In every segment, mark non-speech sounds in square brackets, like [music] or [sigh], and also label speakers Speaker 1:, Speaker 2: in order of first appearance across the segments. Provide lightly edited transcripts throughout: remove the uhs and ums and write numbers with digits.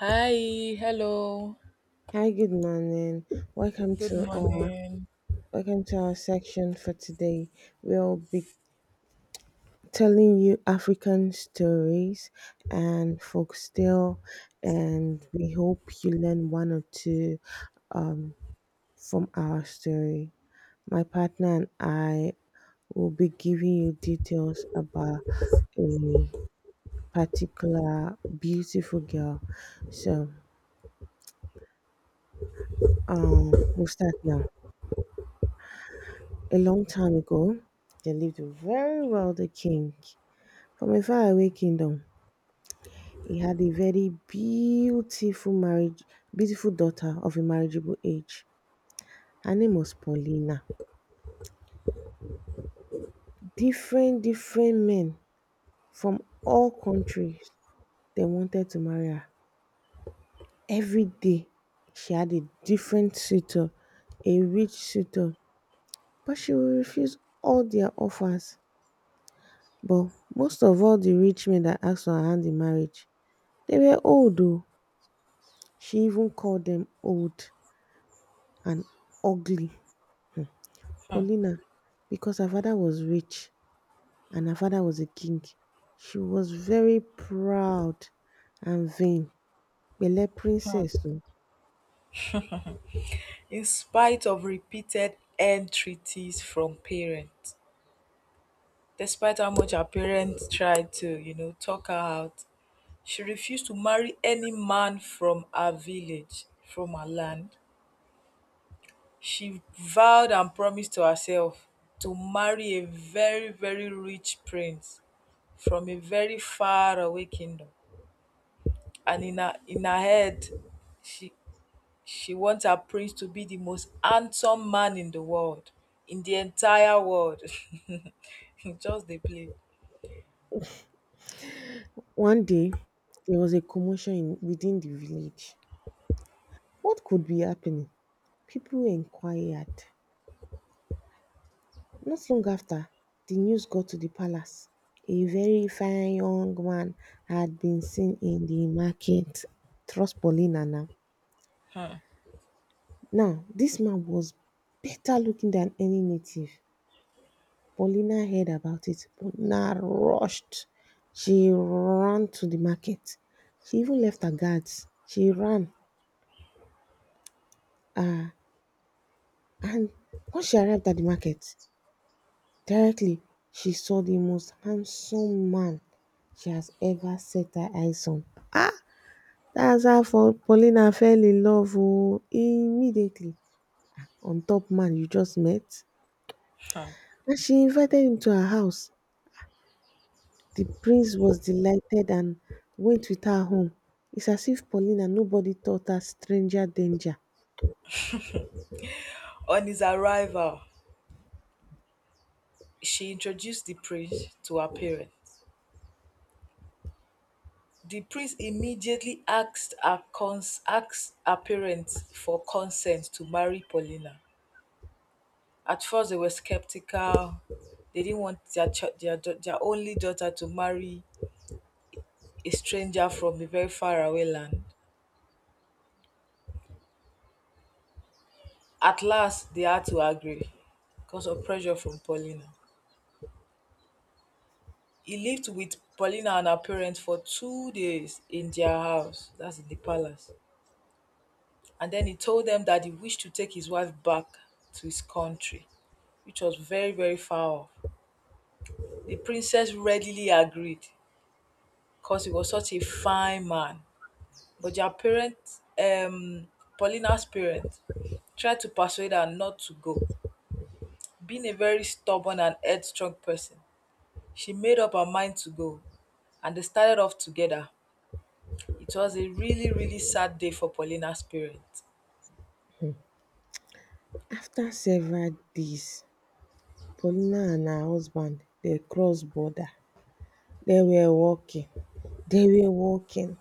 Speaker 1: Hi, hello,
Speaker 2: Hi, good morning. Welcome
Speaker 1: good
Speaker 2: to our
Speaker 1: morning.
Speaker 2: welcome to our section for today. We'll be telling you African stories and folktale, and we hope you learn one or two um, from our story. My partner and I will be giving you details about a particular beautiful girl. So we'll start now. A long time ago, there lived a very wealthy king from a faraway kingdom. He had a very beautiful daughter of a marriageable age. Her name was Paulina. Different men from all countries they wanted to marry her. Every day, she had a different suitor, a rich suitor, but she would refuse all their offers. But most of all, the rich men that asked for her hand in marriage, they were old though; she even called them old and ugly (Paulina), because her father was rich and her father was a king. She was very proud and vain (Pele princess Though.
Speaker 1: In spite of repeated entreaties from parents, despite how much her parents tried to, you know, talk her out, she refused to marry any man from her village, from her land. She vowed and promised to herself to marry a very, very rich prince from a very far away kingdom. And in her head, she She wants her prince to be the most handsome man in the world, in the entire world. [laughs] Just the play.
Speaker 2: One day, there was a commotion in within the village. What could be happening? People inquired. Not long after, the news got to the palace: a very fine young man had been seen in the market. Trust Paulina now. Now, this man was better looking than any native. Paulina heard about it. Paulina rushed. She ran to the market. She even left her guards. She ran. Uh, and when she arrived at the market, directly, she saw the most handsome man she has ever set her eyes on. Ah! That's how for Paulina fell in love oh, immediately on top man you just met. And she invited him to her house. The prince was delighted and went with her home. It's as if Paulina nobody taught her stranger danger.
Speaker 1: On his arrival, she introduced the prince to her parents. The prince immediately asked her parents for consent to marry Paulina. At first they were skeptical. They didn't want their only daughter to marry a stranger from a very far away land. At last, they had to agree because of pressure from Paulina. He lived with Paulina and her parents for two days in their house, that's in the palace. And then he told them that he wished to take his wife back to his country, which was very, very far off. The princess readily agreed because he was such a fine man. But their parents, Paulina's parents, tried to persuade her not to go. Being a very stubborn and headstrong person, she made up her mind to go, and they started off together. It was a really, really sad day for Paulina's parents.
Speaker 2: After several days, Paulina and her husband they crossed border. They were walking. They were walking.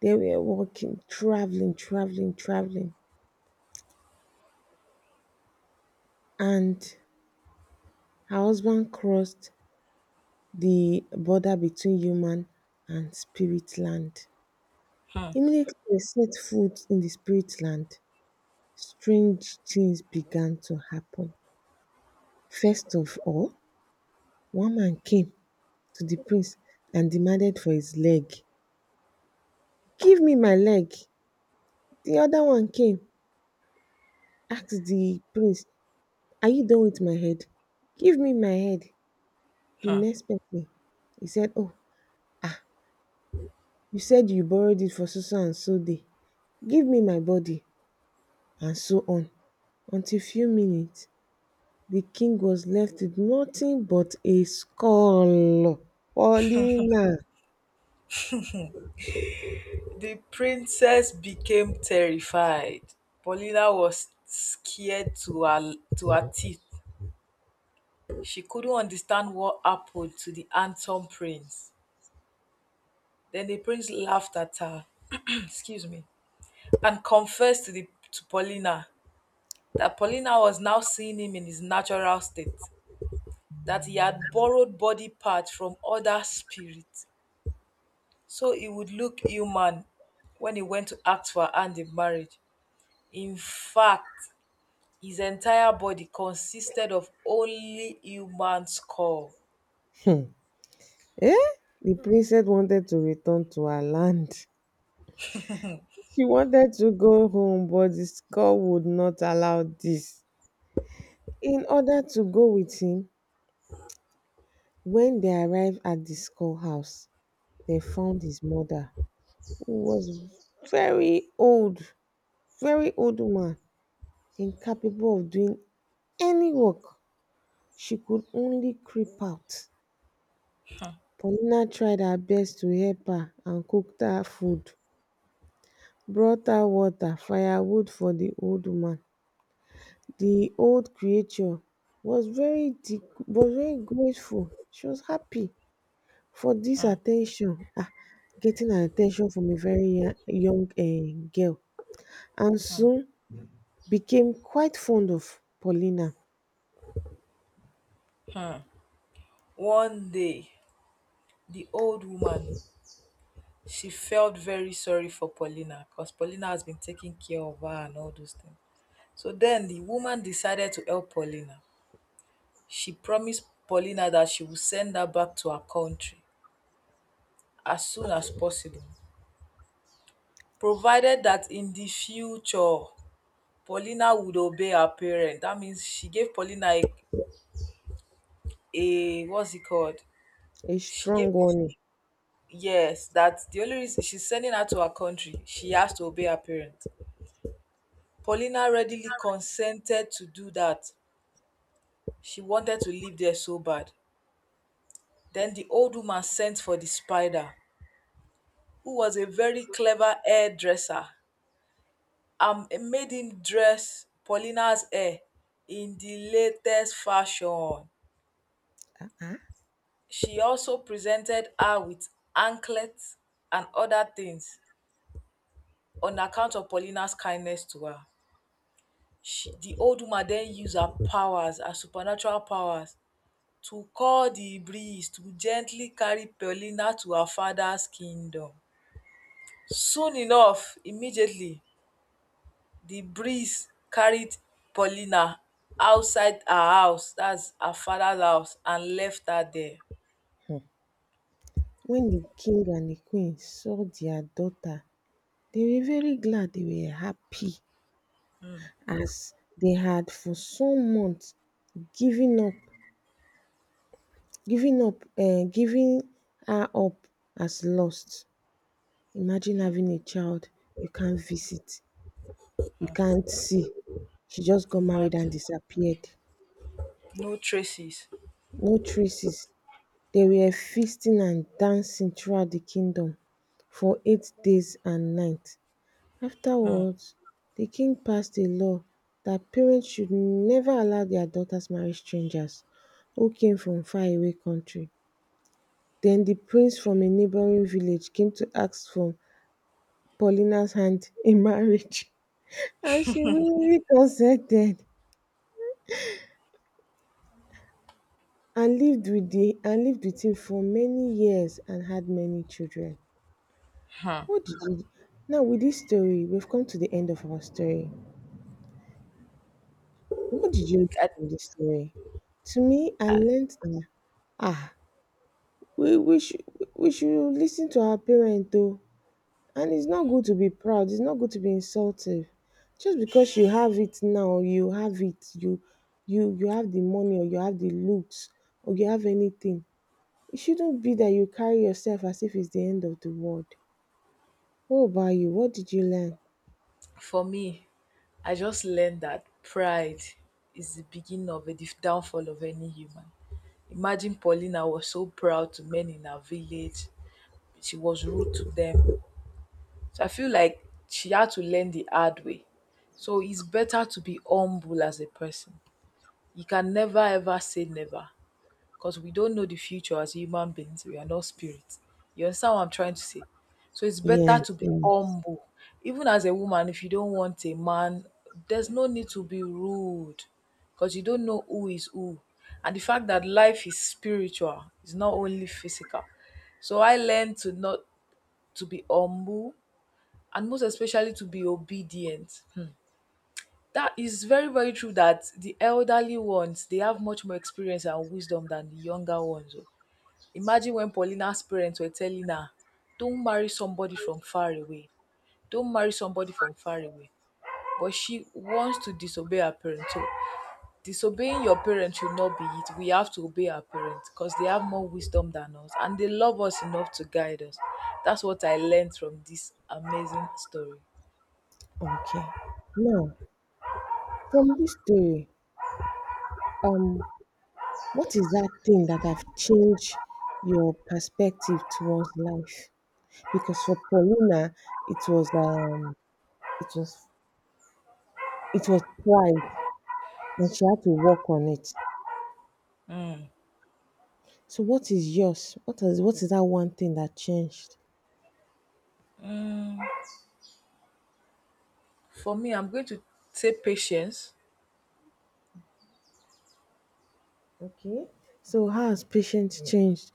Speaker 2: They were walking, traveling, traveling, traveling, and her husband crossed the border between human and spirit land.
Speaker 1: Hmm,
Speaker 2: Immediately they set foot in the spirit land, strange things began to happen. First of all, one man came to the prince and demanded for his leg. Give me my leg. The other one came, asked the prince, are you done with my head? Give me my head. The
Speaker 1: hmm.
Speaker 2: next person, he said, oh, ah, you said you borrowed it for so-and-so so day, give me my body, and so on, until few minutes, the king was left with nothing but a skull. Paulina!
Speaker 1: The princess became terrified. Paulina was scared to her teeth. She couldn't understand what happened to the handsome prince. Then the prince laughed at her, [clears throat] excuse me, and confessed to Paulina that Paulina was now seeing him in his natural state, that he had borrowed body parts from other spirits so he would look human when he went to ask for her hand in marriage. In fact, his entire body consisted of only human skull.
Speaker 2: Hmm. Eh? The princess wanted to return to her land. She wanted to go home, but the skull would not allow this. In order to go with him, when they arrived at the skull house, they found his mother, who was very old, very old woman incapable of doing any work, she could only creep out. Paulina tried her best to help her and cooked her food, brought her water, firewood for the old woman. The old creature was very grateful. She was happy for this
Speaker 1: Hmm.
Speaker 2: attention, getting an attention from a very young girl, and soon became quite fond of Paulina,
Speaker 1: One day, the old woman she felt very sorry for Paulina because Paulina has been taking care of her and all those things. So then the woman decided to help Paulina. She promised Paulina that she would send her back to her country as soon as possible provided that in the future Paulina would obey her parents. That means she gave Paulina a what's it called?
Speaker 2: a
Speaker 1: She gave,
Speaker 2: strong one.
Speaker 1: yes, that the only reason she's sending her to her country, she has to obey her parents. Paulina readily consented to do that. She wanted to live there so bad. Then the old woman sent for the spider, who was a very clever hairdresser. Um, it made him dress Paulina's hair in the latest fashion.
Speaker 2: um
Speaker 1: She also presented her with anklets and other things on account of Paulina's kindness to her. She, the old woman, then used her powers, her supernatural powers, to call the breeze to gently carry Paulina to her father's kingdom. Soon enough, immediately, the breeze carried Paulina outside her house, that's her father's house, and left her there.
Speaker 2: When the king and the queen saw their daughter, they were very glad, they were happy, as they had for some months given up, giving her up as lost. Imagine having a child you can't visit, you can't see. She just got married and
Speaker 1: Imagine.
Speaker 2: disappeared.
Speaker 1: No traces.
Speaker 2: No traces. They were feasting and dancing throughout the kingdom for 8 days and night. Afterwards, the king passed a law that parents should never allow their daughters marry strangers who came from faraway country. Then the prince from a neighboring village came to ask for Paulina's hand in marriage [laughs] and she willingly consented and lived with him for many years and had many children. What did you now with this story, we've come to the end of our story. What did you learn
Speaker 1: I,
Speaker 2: from this story? To me, I learned that ah we we should we should listen to our parent though, and it's not good to be proud, it's not good to be insultive just because you have it, now you have it, you have the money, or you have the looks, or you have anything. It shouldn't be that you carry yourself as if it's the end of the world. What about you, what did you learn?
Speaker 1: for me, I just learned that pride is the beginning of a downfall of any human. Imagine Paulina was so proud to men in her village. She was rude to them. So I feel like she had to learn the hard way. So it's better to be humble as a person. You can never ever say never, because we don't know the future as human beings. We are not spirits. You understand what I'm trying to say? So it's better
Speaker 2: Yes,
Speaker 1: to be
Speaker 2: yes.
Speaker 1: humble. Even as a woman, if you don't want a man, there's no need to be rude because you don't know who is who. And the fact that life is spiritual, it's not only physical. So I learned to not to be humble and most especially to be obedient. Hmm. That is very, very true that the elderly ones they have much more experience and wisdom than the younger ones. Oh. Imagine when Paulina's parents were telling her, don't marry somebody from far away. Don't marry somebody from far away. But she wants to disobey her parents. So disobeying your parents should not be it. We have to obey our parents because they have more wisdom than us and they love us enough to guide us. That's what I learned from this amazing story.
Speaker 2: Okay, now from this story, um what is that thing that have changed your perspective towards life? Because for Paulina it was um it was it was pride, and she had to work on it. So what is yours? What is that one thing that changed?
Speaker 1: For me, I'm going to say patience.
Speaker 2: Okay. So how has patience changed?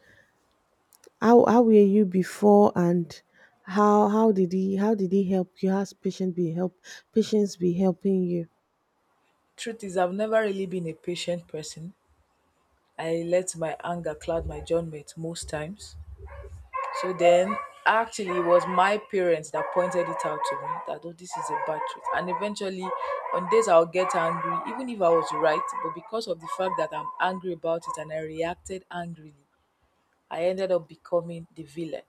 Speaker 2: How were you before, and how did he help you? How's patience be helping you?
Speaker 1: Truth is, I've never really been a patient person. I let my anger cloud my judgment most times. So then, actually, it was my parents that pointed it out to me that, oh, this is a bad trait. And eventually, on days I'll get angry, even if I was right, but because of the fact that I'm angry about it and I reacted angrily, I ended up becoming the villain.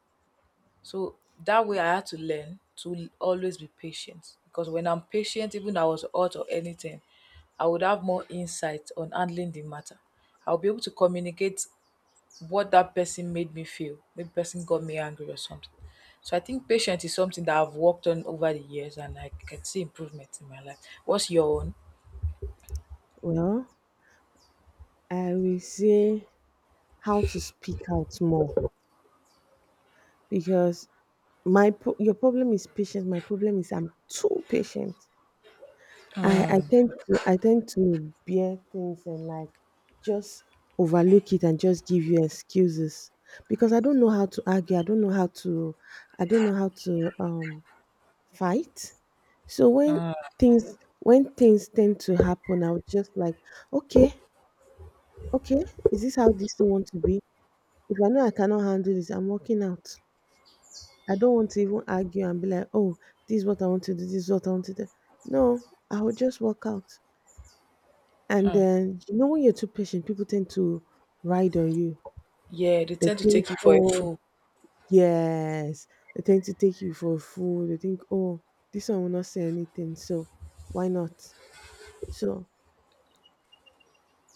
Speaker 1: So that way, I had to learn to always be patient because when I'm patient, even I was hot or anything, I would have more insight on handling the matter. I'll be able to communicate what that person made me feel. Maybe person got me angry or something. So I think patience is something that I've worked on over the years and I can see improvement in my life. What's your own?
Speaker 2: Well, I will say how to speak out more because your problem is patience. My problem is I'm too patient. I tend to bear things and like just overlook it and just give you excuses because I don't know how to argue. I don't know how to I don't know how to fight. So things when things tend to happen, I would just like, okay, okay, is this how this thing want to be? If I know I cannot handle this, I'm walking out. I don't want to even argue and be like, oh, this is what I want to do, this is what I want to do. No, I will just walk out. And then, when you're too patient, people tend to ride on you.
Speaker 1: Yeah, they
Speaker 2: They
Speaker 1: tend to
Speaker 2: think,
Speaker 1: take you for a
Speaker 2: oh,
Speaker 1: fool.
Speaker 2: yes, they tend to take you for a fool. They think, oh, this one will not say anything, so why not? So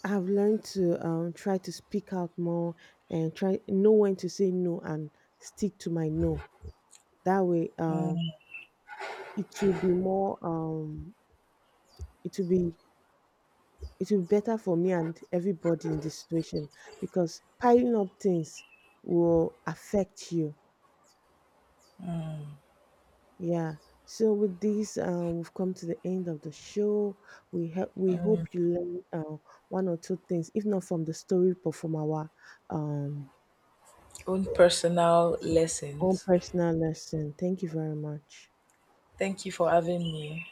Speaker 2: I've learned to try to speak out more and try know when to say no and stick to my no. That way, it will be more, it will be It will be better for me and everybody in this situation, because piling up things will affect you. Yeah. So with this, we've come to the end of the show. We help. We hope you learned one or two things, if not from the story, but from our um,
Speaker 1: Own personal
Speaker 2: own
Speaker 1: lessons.
Speaker 2: personal lesson. Thank you very much.
Speaker 1: Thank you for having me.